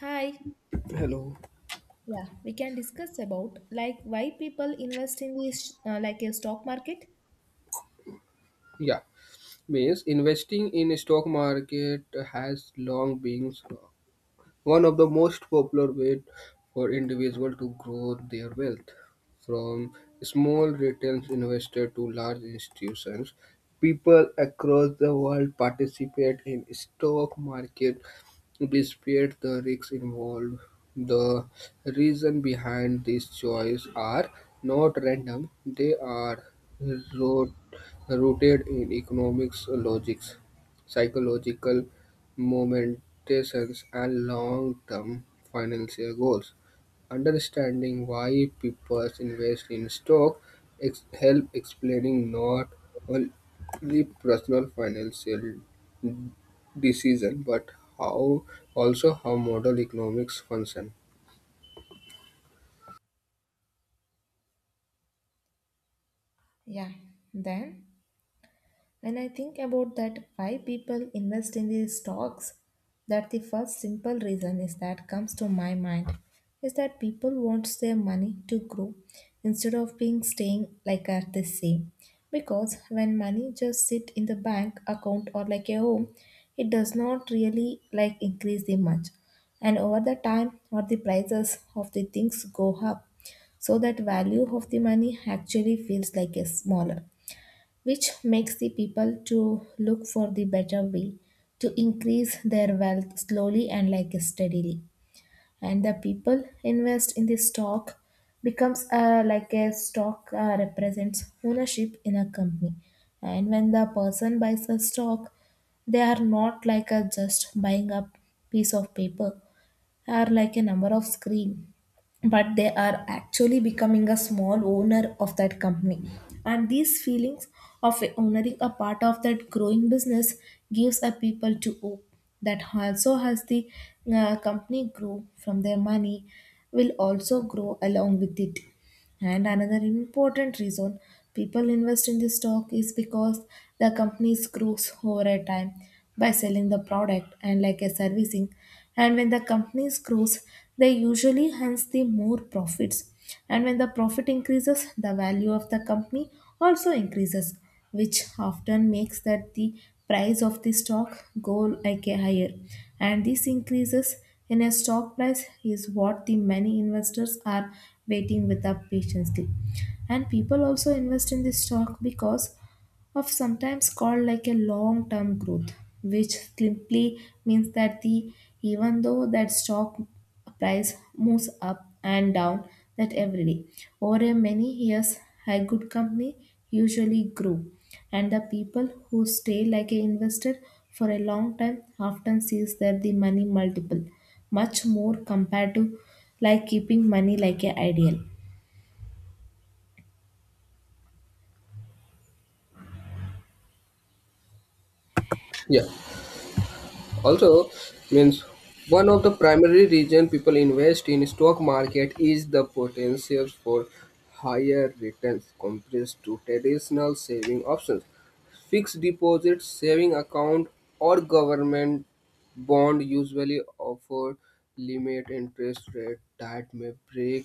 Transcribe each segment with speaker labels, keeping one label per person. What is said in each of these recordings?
Speaker 1: Hi.
Speaker 2: Hello.
Speaker 1: Yeah, we can discuss about like why people invest in the like a stock market.
Speaker 2: Yeah, means investing in stock market has long been one of the most popular ways for individuals to grow their wealth. From small retail investors to large institutions, people across the world participate in stock market despite the risks involved. The reason behind this choice are not random; they are rot- rooted in economics logics, psychological motivations, and long-term financial goals. Understanding why people invest in stock help explaining not only personal financial decision but how also how model economics function.
Speaker 1: Yeah, then. When I think about that, why people invest in these stocks, that the first simple reason is that comes to my mind is that people wants their money to grow instead of being staying like at the same. Because when money just sit in the bank account or like a home, it does not really like increase the much. And over the time or the prices of the things go up so that value of the money actually feels like a smaller, which makes the people to look for the better way to increase their wealth slowly and like steadily, and the people invest in the stock becomes like a stock represents ownership in a company. And when the person buys a stock, they are not like a just buying a piece of paper are like a number of screen, but they are actually becoming a small owner of that company. And these feelings of owning a part of that growing business gives a people to hope that also has the company grow from their money will also grow along with it. And another important reason people invest in this stock is because the companies grows over a time by selling the product and like a servicing. And when the companies grows, they usually hands the more profits. And when the profit increases, the value of the company also increases, which often makes that the price of the stock go like a higher. And this increases in a stock price is what the many investors are waiting with up patiently. And people also invest in the stock because of sometimes called like a long term growth, which simply means that the even though that stock price moves up and down that every day over a many years a good company usually grow, and the people who stay like a investor for a long time often sees that the money multiple much more compared to like keeping money like a ideal.
Speaker 2: Yeah. Also, means one of the primary reason people invest in stock market is the potential for higher returns compared to traditional saving options. Fixed deposit, saving account, or government bond usually offer limit interest rate that may break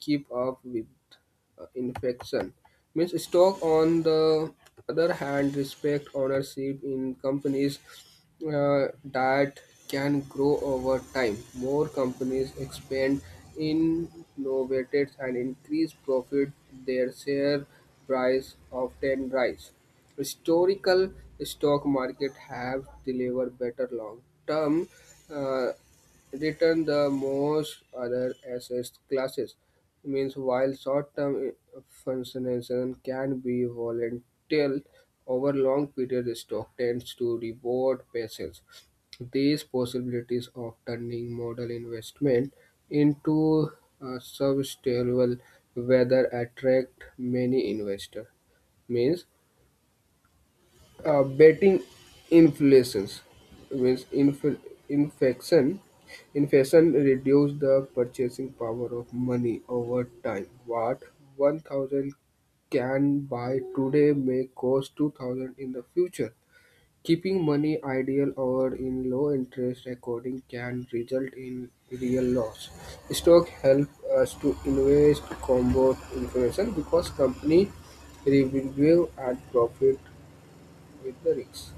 Speaker 2: keep up with infection. Means stock, on the other hand, respect ownership in companies that can grow over time. More companies expand, innovate, and increase profit. Their share price often rise. Historical stock market have delivered better long-term uh, return the most other asset classes. Means while short-term function can be volatile over long period, the stock tends to reward patience. These possibilities of turning model investment into a sustainable whether attract many investors. Means betting inflations means infection inflation reduce the purchasing power of money over time, what 1000 can buy today may cost 2000 in the future. Keeping money idle or in low interest according can result in real loss. Stock help us to invest combat inflation because company revenue and profit with the risk.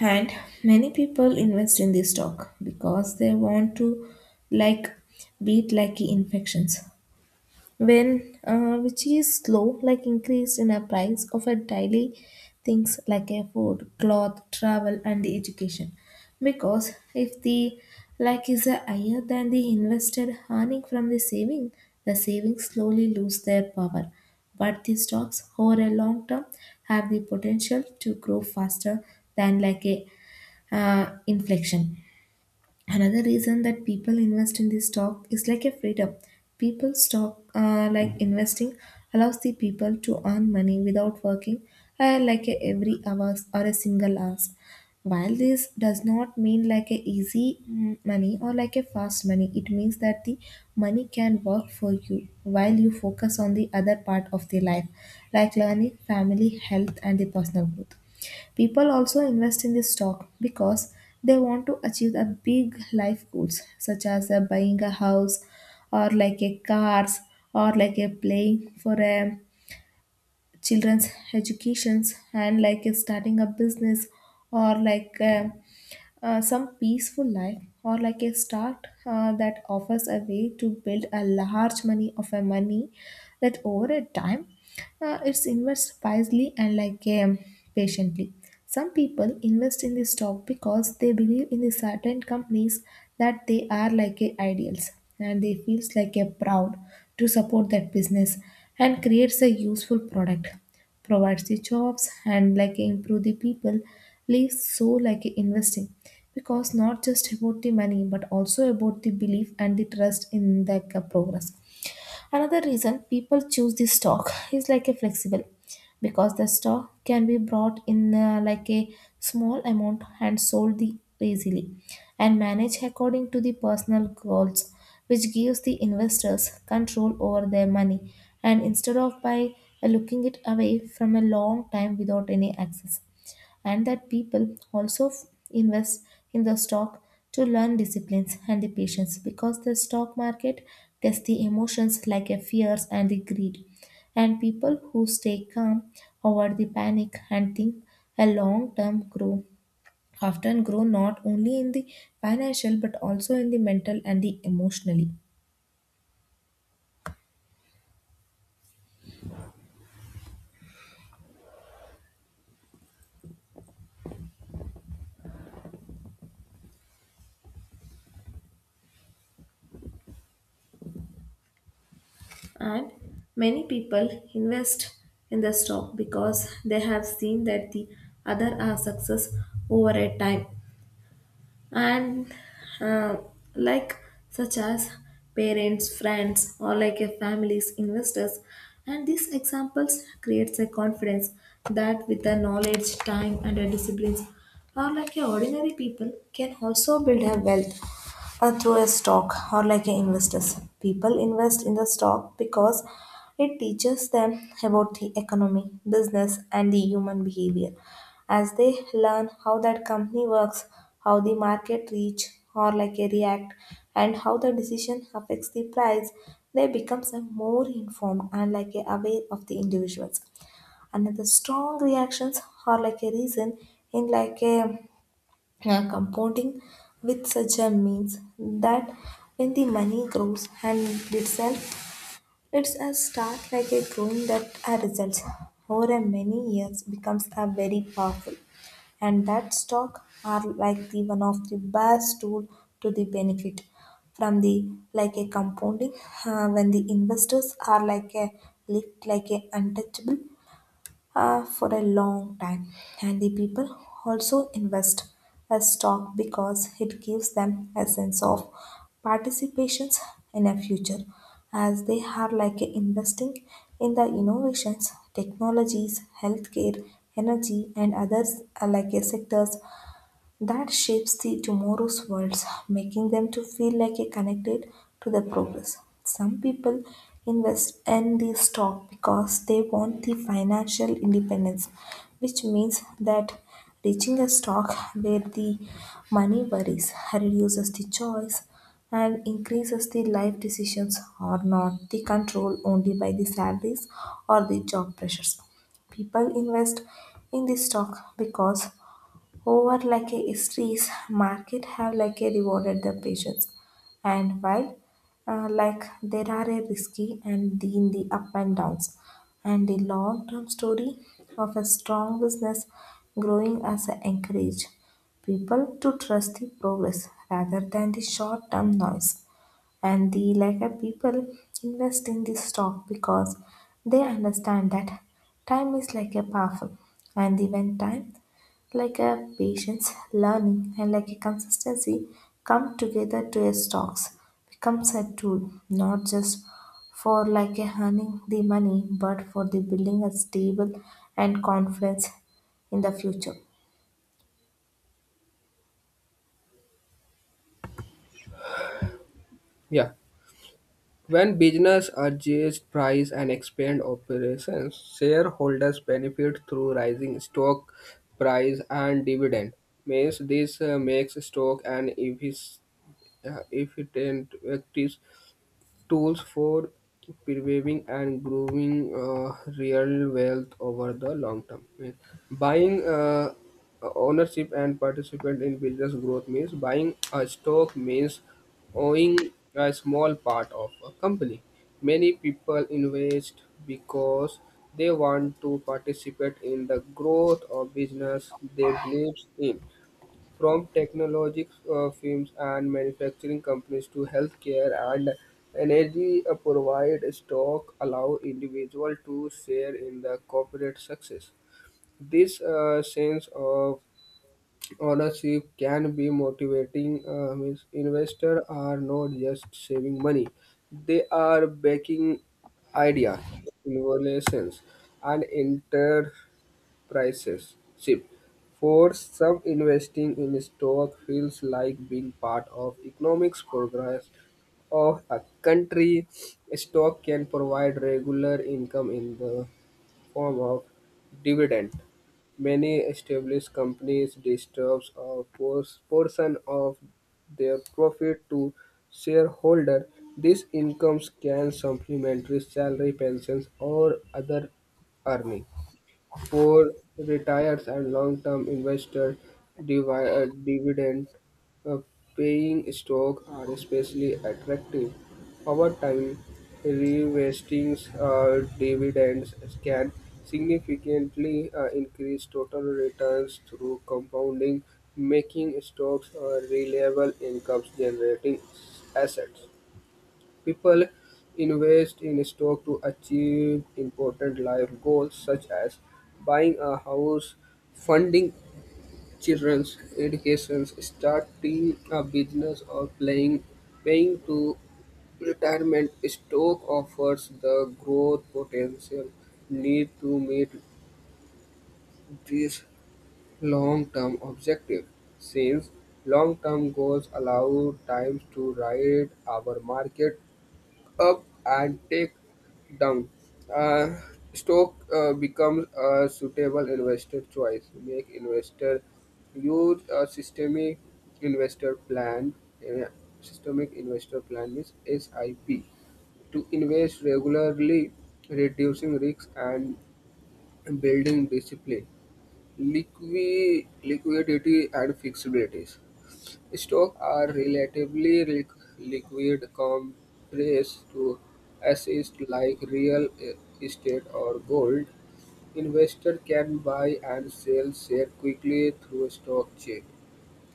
Speaker 1: And many people invest in this stock because they want to like beat lucky infections. When which is slow, like increase in a price of a daily things like a food, cloth, travel, and the education. Because if the like is a higher than the invested earning from the saving, the savings slowly lose their power. But the stocks over a long term have the potential to grow faster than like a inflection. Another reason that people invest in this stock is like a freedom. People stock like investing allows the people to earn money without working like a every hours or a single hours. While this does not mean like a easy money or like a fast money, it means that the money can work for you while you focus on the other part of the life, like learning, family, health, and the personal growth. People also invest in this stock because they want to achieve the big life goals such as buying a house or like a cars or like a playing for a children's educations and like a starting a business or like some peaceful life or like a start that offers a way to build a large money of a money that over a time it's invest wisely and like patiently. Some people invest in the stock because they believe in the certain companies that they are like a ideals, and they feels like a proud to support that business and creates a useful product provides the jobs and like improve the people lives. So like investing because not just about the money but also about the belief and the trust in the progress. Another reason people choose this stock is like a flexible, because the stock can be brought in like a small amount and sold the easily and managed according to the personal goals, which gives the investors control over their money and instead of by looking it away from a long time without any access. And that people also invest in the stock to learn disciplines and the patience, because the stock market tests the emotions like a fears and the greed, and people who stay calm over the panic and think a long term grow often grow not only in the financial but also in the mental and the emotionally. And many people invest in the stock because they have seen that the other are success over a time and uh, like such as parents friends or like a families investors, and these examples creates a confidence that with the knowledge time and the disciplines or like a ordinary people can also build a wealth through a stock or like a investors. People invest in the stock because it teaches them about the economy business and the human behavior as they learn how that company works, how the market reach or like a react, and how the decision affects the price. They becomes a more informed and like a aware of the individuals. Another strong reactions or like a reason in like a compounding with such a means that when the money grows and itself, it's a start like a growing that a results over a many years becomes a very powerful. And that stock are like the one of the best tool to the benefit from the like a compounding when the investors are like a lift like a untouchable for a long time. And the people also invest a stock because it gives them a sense of participations in a future as they are like investing in the innovations, technologies, healthcare, energy and others are like sectors that shapes the tomorrow's worlds, making them to feel like a connected to the progress. Some people invest in the stock because they want the financial independence, which means that reaching a stock where the money worries reduces the choice and increases the life decisions or not the control only by the salaries or the job pressures. People invest in the stock because over like a history's market have like a rewarded the patients. And while like there are a risky and the, in the up and downs and the long term story of a strong business growing as a encourage people to trust the progress rather than the short term noise. And the like people invest in this stock because they understand that time is like a powerful, and the when time like a patience learning and like a consistency come together to a stocks becomes a tool not just for like a earning the money but for the building a stable and confidence in the future.
Speaker 2: Yeah. When business adjust price and expand operations, shareholders benefit through rising stock price and dividend. Means this makes stock an efficient active tools for preserving and growing real wealth over the long term. Means buying ownership and participant in business growth means buying a stock means owning a small part of a company. Many people invest because they want to participate in the growth of business they believe in. From technology firms and manufacturing companies to healthcare and energy provide stock allow individual to share in the corporate success. This sense of ownership can be motivating. Means investors are not just saving money; they are backing ideas, innovations, and enter prices shift. For some, investing in stock feels like being part of economics progress of a country. Stock can provide regular income in the form of dividend. Many established companies distribute a portion of their profit to shareholder. These incomes can supplement salary, pensions, or other earning. For retirees and long-term investors, dividend-paying stocks are especially attractive. Over time, reinvesting dividends can significantly increase total returns through compounding, making stocks a reliable income-generating assets. People invest in stock to achieve important life goals such as buying a house, funding children's education, starting a business, or paying to retirement. Stock offers the growth potential need to meet this long-term objective since long-term goals allow time to ride our market up and take down. Uh, stock becomes a suitable investor choice. Make investor use a systemic investor plan. uh, Systemic investor plan is SIP to invest regularly, reducing risks and building discipline, liquidity and flexibilities. Stocks are relatively liquid compared to assets like real estate or gold. Investors can buy and sell shares quickly through stock trade.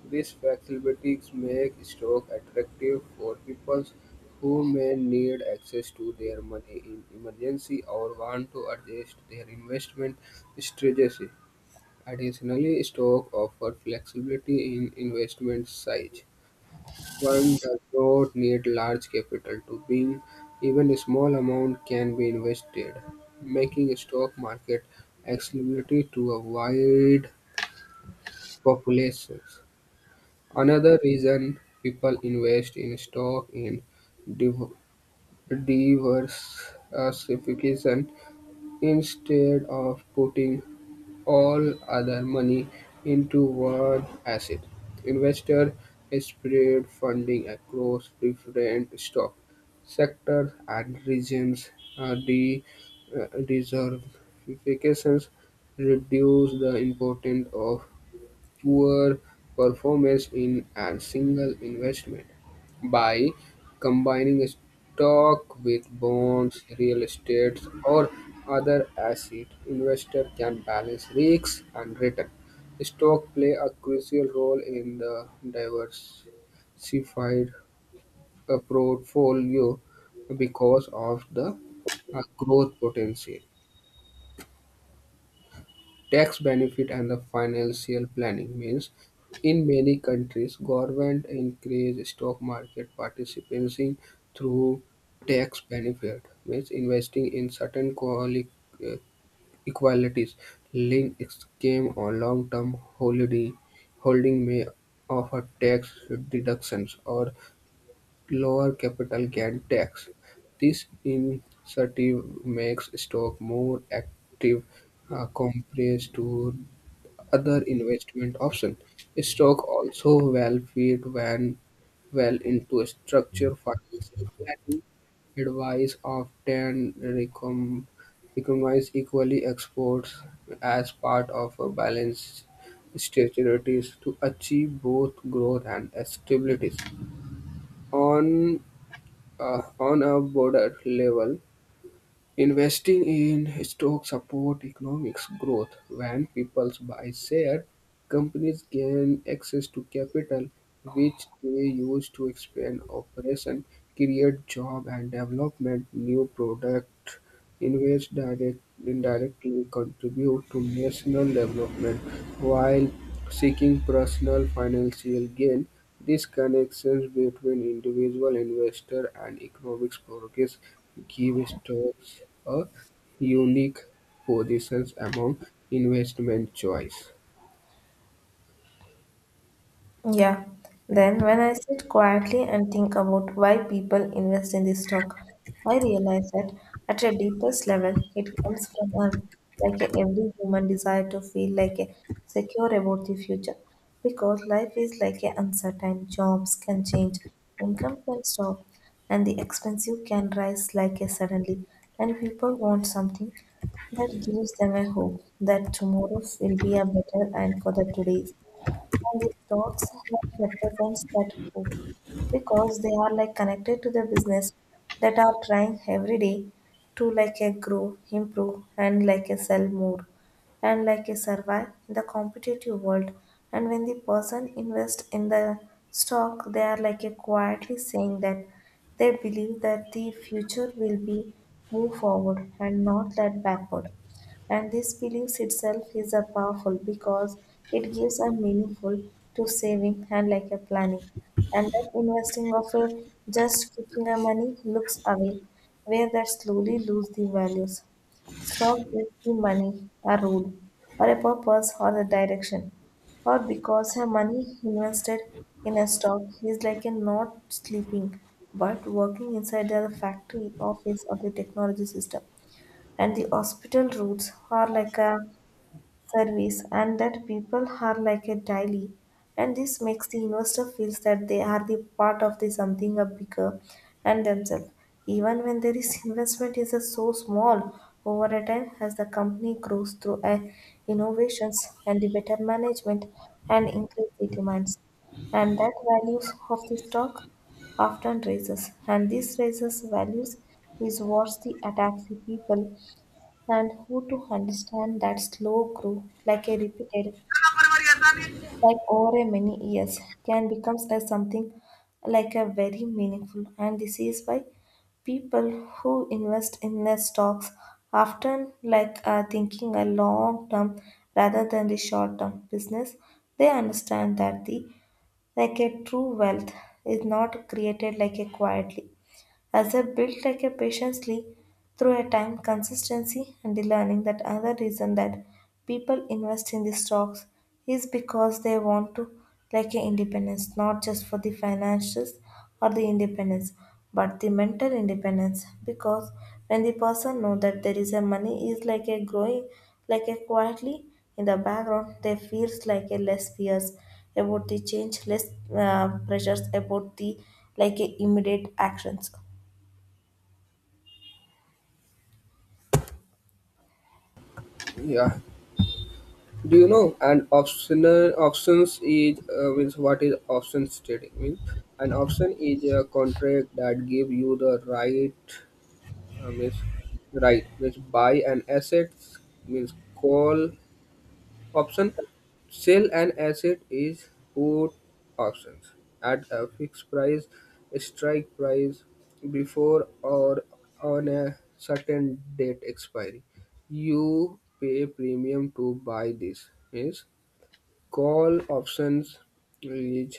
Speaker 2: These facilities make stocks attractive for people who may need access to their money in emergency or want to adjust their investment strategy. Additionally, stock offer flexibility in investment size. One does not need large capital to win; even a small amount can be invested, making a stock market accessible to a wide population. Another reason people invest in stock in div- diversification instead of putting all other money into one asset. Investors spread funding across different stock sectors and regions. The diversifications reduce the importance of poor performance in a single investment. By combining stock with bonds, real estate, or other asset, investor can balance risks and return. Stock play a crucial role in the diversified portfolio because of the growth potential. Tax benefit and the financial planning means in many countries government increase stock market participation through tax benefit, means investing in certain uh, equalities linked scheme or long term holding may offer tax deductions or lower capital gain tax. This incentive makes stock more active compared to other investment options. Stock also well fit when well into a structure, financial planning. Advice often recom- recommends equally exports as part of a balanced strategies to achieve both growth and stability. On uh, on a broader level, investing in stocks support economic growth. When people buy share, companies gain access to capital, which they use to expand operation, create job and development, new product. Invest direct, indirectly contribute to national development while seeking personal financial gain. These connections between individual investor and economic progress give stocks a unique position among investment choice.
Speaker 1: Yeah. Then, when I sit quietly and think about why people invest in this stock, I realize that at a deepest level, it comes from a, like a, every human desire to feel like a secure about the future. Because life is like a uncertain, jobs can change, income can stop, and the expensive can rise like a suddenly, and people want something that gives them a hope that tomorrow will be a better and for the today. And these stocks have represents that hope because they are like connected to the business that are trying every day to like a grow, improve, and like a sell more, and like a survive in the competitive world. And when the person invest in the stock, they are like a quietly saying that they believe that the future will be move forward and not that backward. And this belief itself is a powerful because it gives a meaningful to saving and like a planning, and that investing of a just kicking a money looks away where that slowly lose the values. Stock gives the money a rule or a purpose or a direction, or because her money invested in a stock is like a not sleeping but working inside the factory office of the technology system and the hospital routes are like a service and that people are like a daily. And this makes the investor feels that they are the part of the something a bigger and themselves even when there is investment is a so small over a time as the company grows through a innovations and the better management and increase the demands. And that values of the stock often raises, and these raises values is what the attacks the people and who to understand that slow growth, like a repeated, like over a many years, can becomes as something like a very meaningful. And this is why people who invest in their stocks often like are thinking a long term rather than the short term business. They understand that the like a true wealth is not created like a quietly as I built like a patiently through a time consistency and the learning that another reason that people invest in the stocks is because they want to like a independence, not just for the financials or the independence, but the mental independence. Because when the person know that there is a money is like a growing like a quietly in the background, they feels like a less fears about the change, less pressures about the like a immediate actions.
Speaker 2: Yeah. Do you know an optional options is means what is options trading means? An option is a contract that give you the right, means right means buy an asset means call option, sell an asset is put options, at a fixed price, strike price, before or on a certain date expiry. You pay premium to buy this. Yes, call options range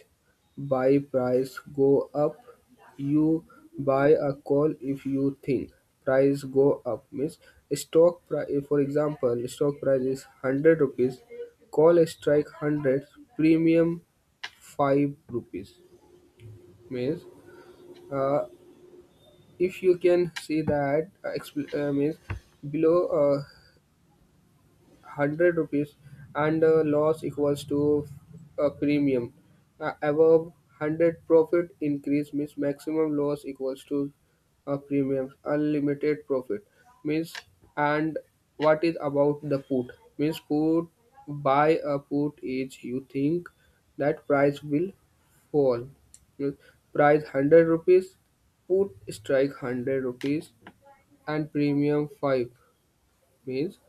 Speaker 2: buy price go up, you buy a call if you think price go up means stock price, for example stock price is 100 rupees, call strike 100, premium 5 rupees means, uh, if you can see that means below uh, 100 rupees and loss equals to a premium. Above 100 profit increase means maximum loss equals to a premium. Unlimited profit means, and what is about the put means put, buy a put is you think that price will fall. Means price 100 rupees, put strike 100 rupees, and premium 5 means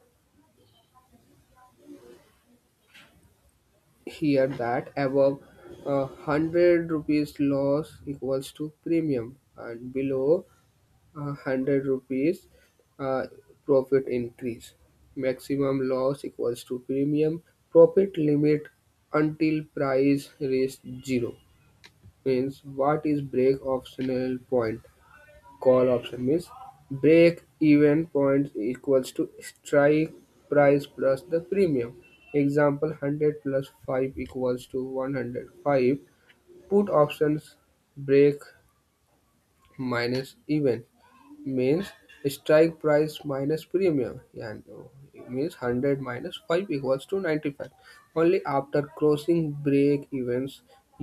Speaker 2: here that above 100 rupees loss equals to premium and below 100 rupees uh, profit increase, maximum loss equals to premium, profit limit until price reaches zero. Means what is break optional point, call option means break-even point equals to strike price plus the premium. Example, 100 plus 5 equals to 105. Put options break minus even means strike price minus premium, and it means 100 minus 5 equals to 95. Only after crossing break events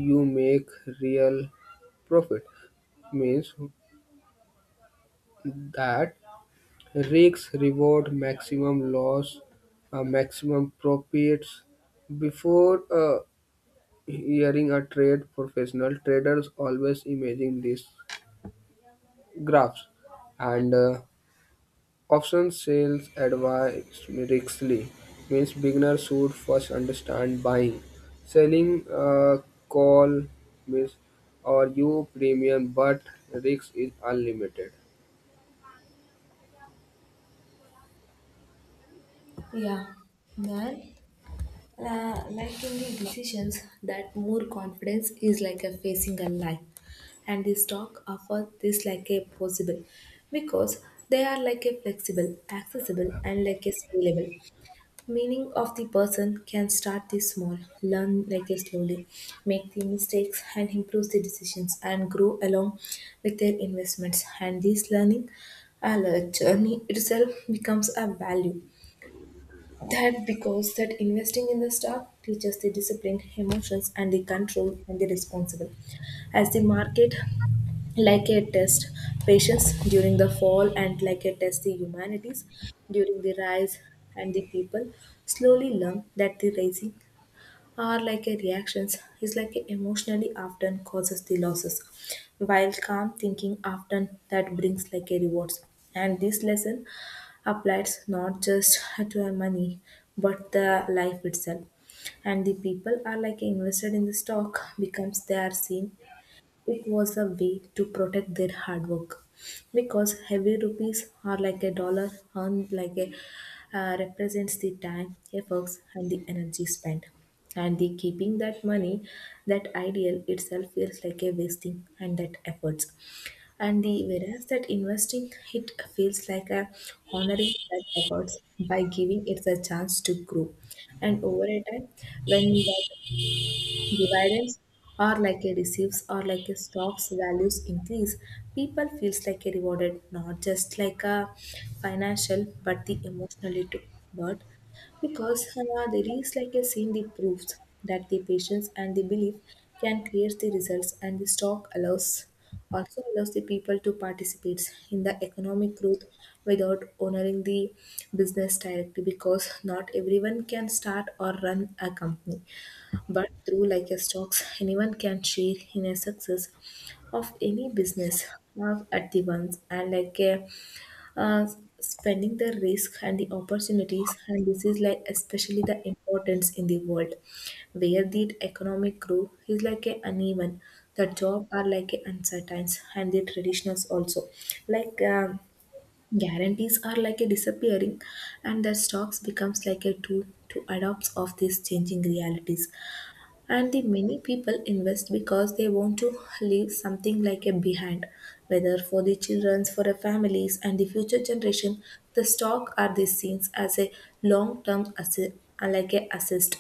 Speaker 2: you make real profit, means that risks reward, maximum loss, maximum profits. Before hiring a trade professional, traders always imagine these graphs and option sales advice. Rigorously means beginners should first understand buying. Selling call means or you premium, but risk is unlimited.
Speaker 1: Yeah, then like in the decisions, that more confidence is like a facing a life, and the stock offer this like a possible because they are like a flexible, accessible, and like a scalable. Meaning of the person can start this small, learn like a slowly, make the mistakes and improve the decisions and grow along with their investments. And this learning a journey itself becomes a value that because that investing in the stock teaches the discipline, emotions, and the control and the responsible. As the market, like a test, patience during the fall and like a test the humanities during the rise, and the people slowly learn that the rising are like a reactions is like a emotionally often causes the losses, while calm thinking often that brings like a rewards. And this lesson applies not just to our money but the life itself, and the people are like invested in the stock becomes they are seen it was a way to protect their hard work, because heavy rupees are like a dollar earned like a represents the time efforts and the energy spent, and the keeping that money, that ideal itself feels like a wasting and that efforts, and the whereas that investing it feels like a honoring that efforts by giving it a chance to grow. And over a time when that dividends are like a receives or like a stocks values increase, people feels like a rewarded not just like a financial but the emotionally too. But because there is like a seen the proofs that the patience and the belief can create the results, and the stock allows, also allows the people to participate in the economic growth without honoring the business directly, because not everyone can start or run a company, but through like a stocks, anyone can share in a success of any business at the once and like a uh, spending the risk and the opportunities. And this is like especially the importance in the world where the economic growth is like a uneven, the job are like a uncertain, and the traditionals also like guarantees are like a disappearing, and the stocks becomes like a tool to adopt of these changing realities. And the many people invest because they want to leave something like a behind, whether for the childrens, for the families, and the future generation. The stock are the scenes as a long-term asset, like a assist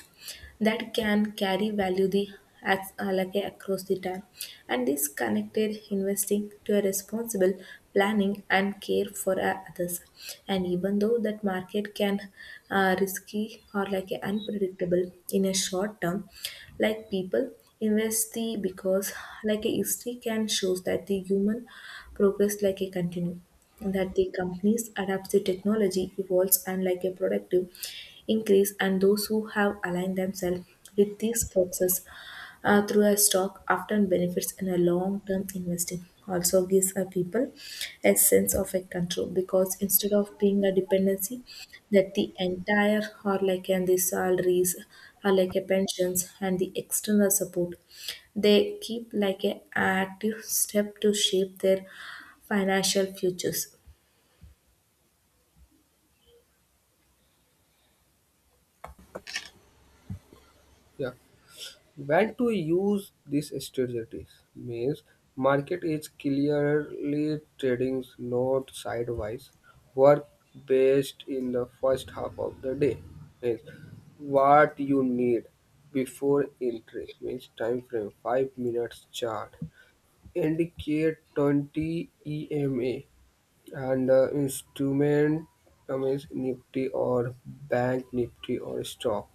Speaker 1: that can carry value the like across the time, and this connected investing to a responsible planning and care for others. And even though that market can risky or like unpredictable in a short term, like people invest the because like a history can shows that the human progress like a continue, that the companies adapt, the technology evolves and like a productive increase, and those who have aligned themselves with these forces through a stock often benefits in a long-term investing. Also gives a people a sense of a control, because instead of being a dependency that the entire or like and the salaries or like a pensions and the external support, they keep like a active step to shape their financial futures.
Speaker 2: Yeah. When to use these strategies means market is clearly trading not sideways. Work based in the first half of the day means what you need before entry means time frame 5 minutes chart, indicate 20 EMA, and instrument, means Nifty or bank Nifty or stock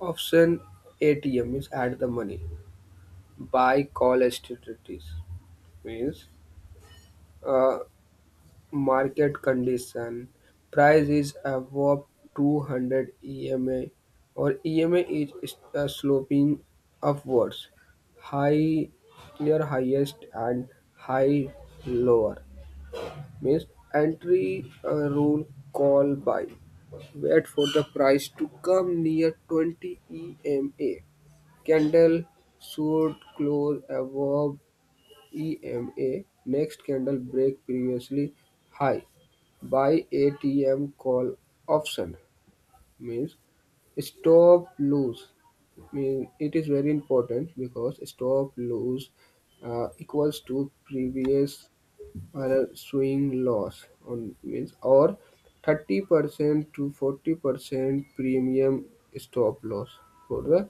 Speaker 2: option. ATM means add the money by collectivities means, uh, market condition price is above 200 EMA or EMA is sloping upwards, high near highest and high lower means entry rule, call buy, wait for the price to come near 20 EMA, candle should close above EMA, next candle break previously high. Buy ATM call option. Means stop lose, mean it is very important because stop lose equals to previous swing loss on means or 30% to 40% premium stop loss for the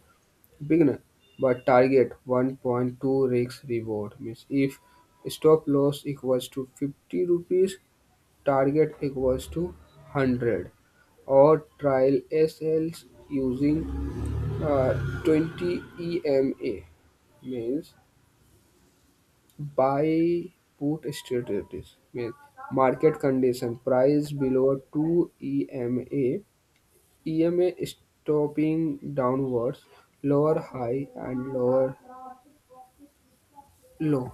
Speaker 2: beginner, but target 1.2 risk reward, means if stop loss equals to 50 rupees target equals to 100, or trial sls using uh, 20 ema. Means buy put strategies means market condition price below 2 ema, ema stopping downwards, lower high and lower low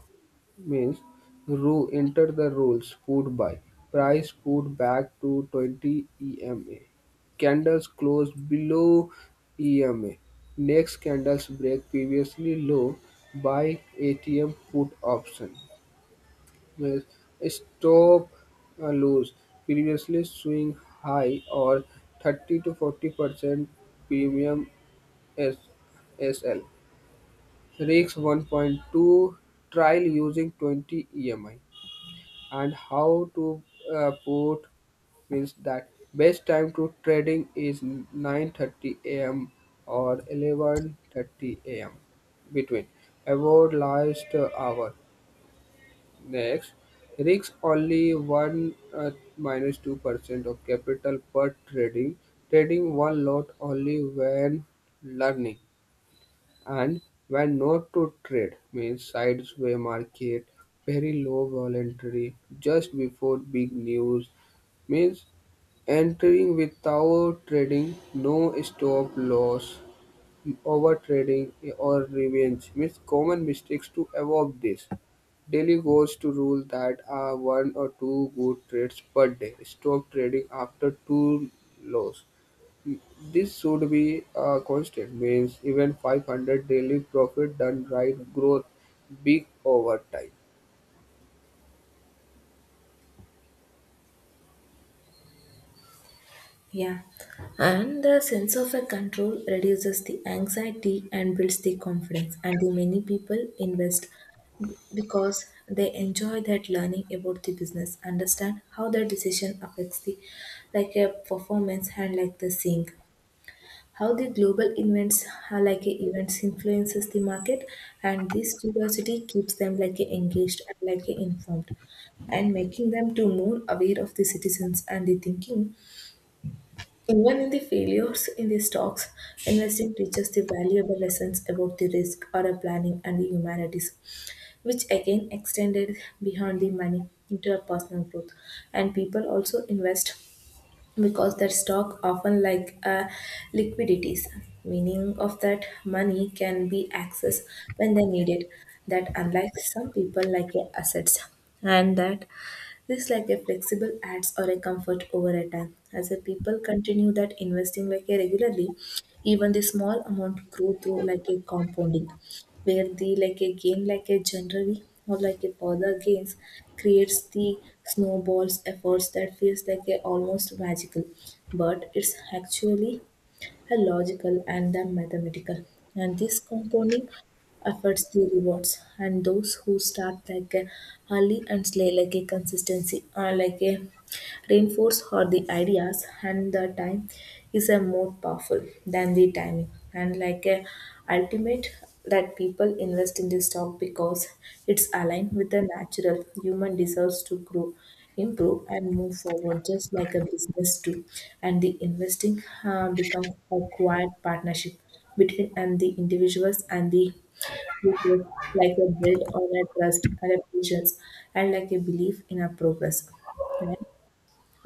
Speaker 2: means rule enter the rules put by price put back to 20 EMA, candles close below EMA, next candles break previously low, by ATM put option. Means stop lose previously swing high or 30 to 40% premium S SL Rigs 1.2 trial using 20 EMI, and how to put means that best time to trading is 9:30 a.m. or 11:30 a.m. between, avoid last hour. Next, risk only one minus 2% of capital per trading. Trading one lot only when learning, and when not to trade means sides market very low voluntary just before big news means entering without trading, no stop loss, over trading or revenge means common mistakes to avoid this. Daily goals to rule that are one or two good trades per day, stop trading after two loss, this should be a constant, means even 500 daily profit done right growth big over time.
Speaker 1: Yeah. And the sense of a control reduces the anxiety and builds the confidence. And the many people invest because they enjoy that learning about the business, understand how their decision affects the like a performance and like the sync. How the global events are like a events influences the market, and this curiosity keeps them like a engaged and like a informed, and making them to more aware of the citizens and the thinking. Even in the failures in the stocks, investing teaches the valuable lessons about the risk, our planning, and the humanities, which again extended beyond the money into a personal growth. And people also invest because their stock often like liquidities, meaning of that money can be accessed when they need it. That unlike some people like assets, and that this like a flexible ads or a comfort over a time. As a people continue that investing like a regularly, even the small amount grow through like a compounding, where the like a gain like a generally or like a further gains creates the snowballs efforts that feels like a almost magical, but it's actually the logical and the mathematical. And this compounding affects the rewards. And those who start like a early and slay like a consistency or like a reinforce how the ideas and the time is a more powerful than the timing and like a ultimate that people invest in this stock because it's aligned with the natural human desires to grow, improve and move forward just like a business do. And the investing becomes a quiet partnership between and the individuals and the people like a build on a trust and a patience and like a belief in a progress.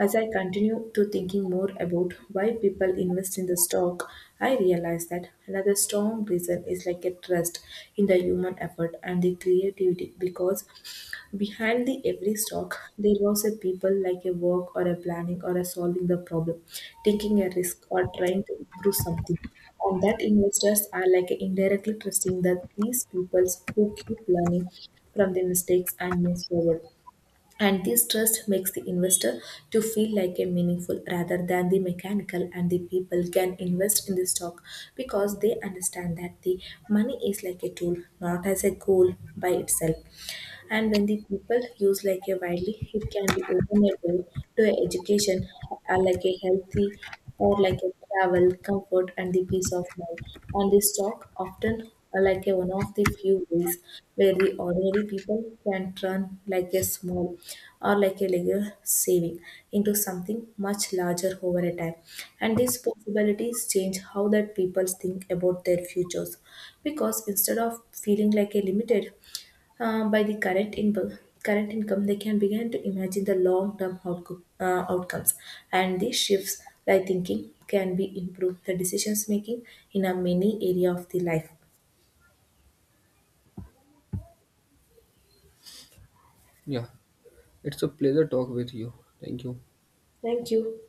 Speaker 1: As I continue to thinking more about why people invest in the stock, I realize that another strong reason is like a trust in the human effort and the creativity, because behind the every stock there was a people like a work or a planning or a solving the problem, taking a risk or trying to improve something. And that investors are like indirectly trusting that these peoples who keep learning from the mistakes and move forward, and this trust makes the investor to feel like a meaningful rather than the mechanical. And the people can invest in the stock because they understand that the money is like a tool not as a goal by itself, and when the people use like a widely, it can be open a door to education, like a healthy or like a travel, comfort, and the peace of mind. And this talk often are like a one of the few ways where the ordinary people can turn like a small or like a little saving into something much larger over a time. And these possibilities change how that people think about their futures, because instead of feeling like a limited by the current income, current income they can begin to imagine the long term outcomes, and these shifts like thinking can be improved the decisions making in a many area of the life.
Speaker 2: Yeah, it's a pleasure talk with you. Thank you.
Speaker 1: Thank you.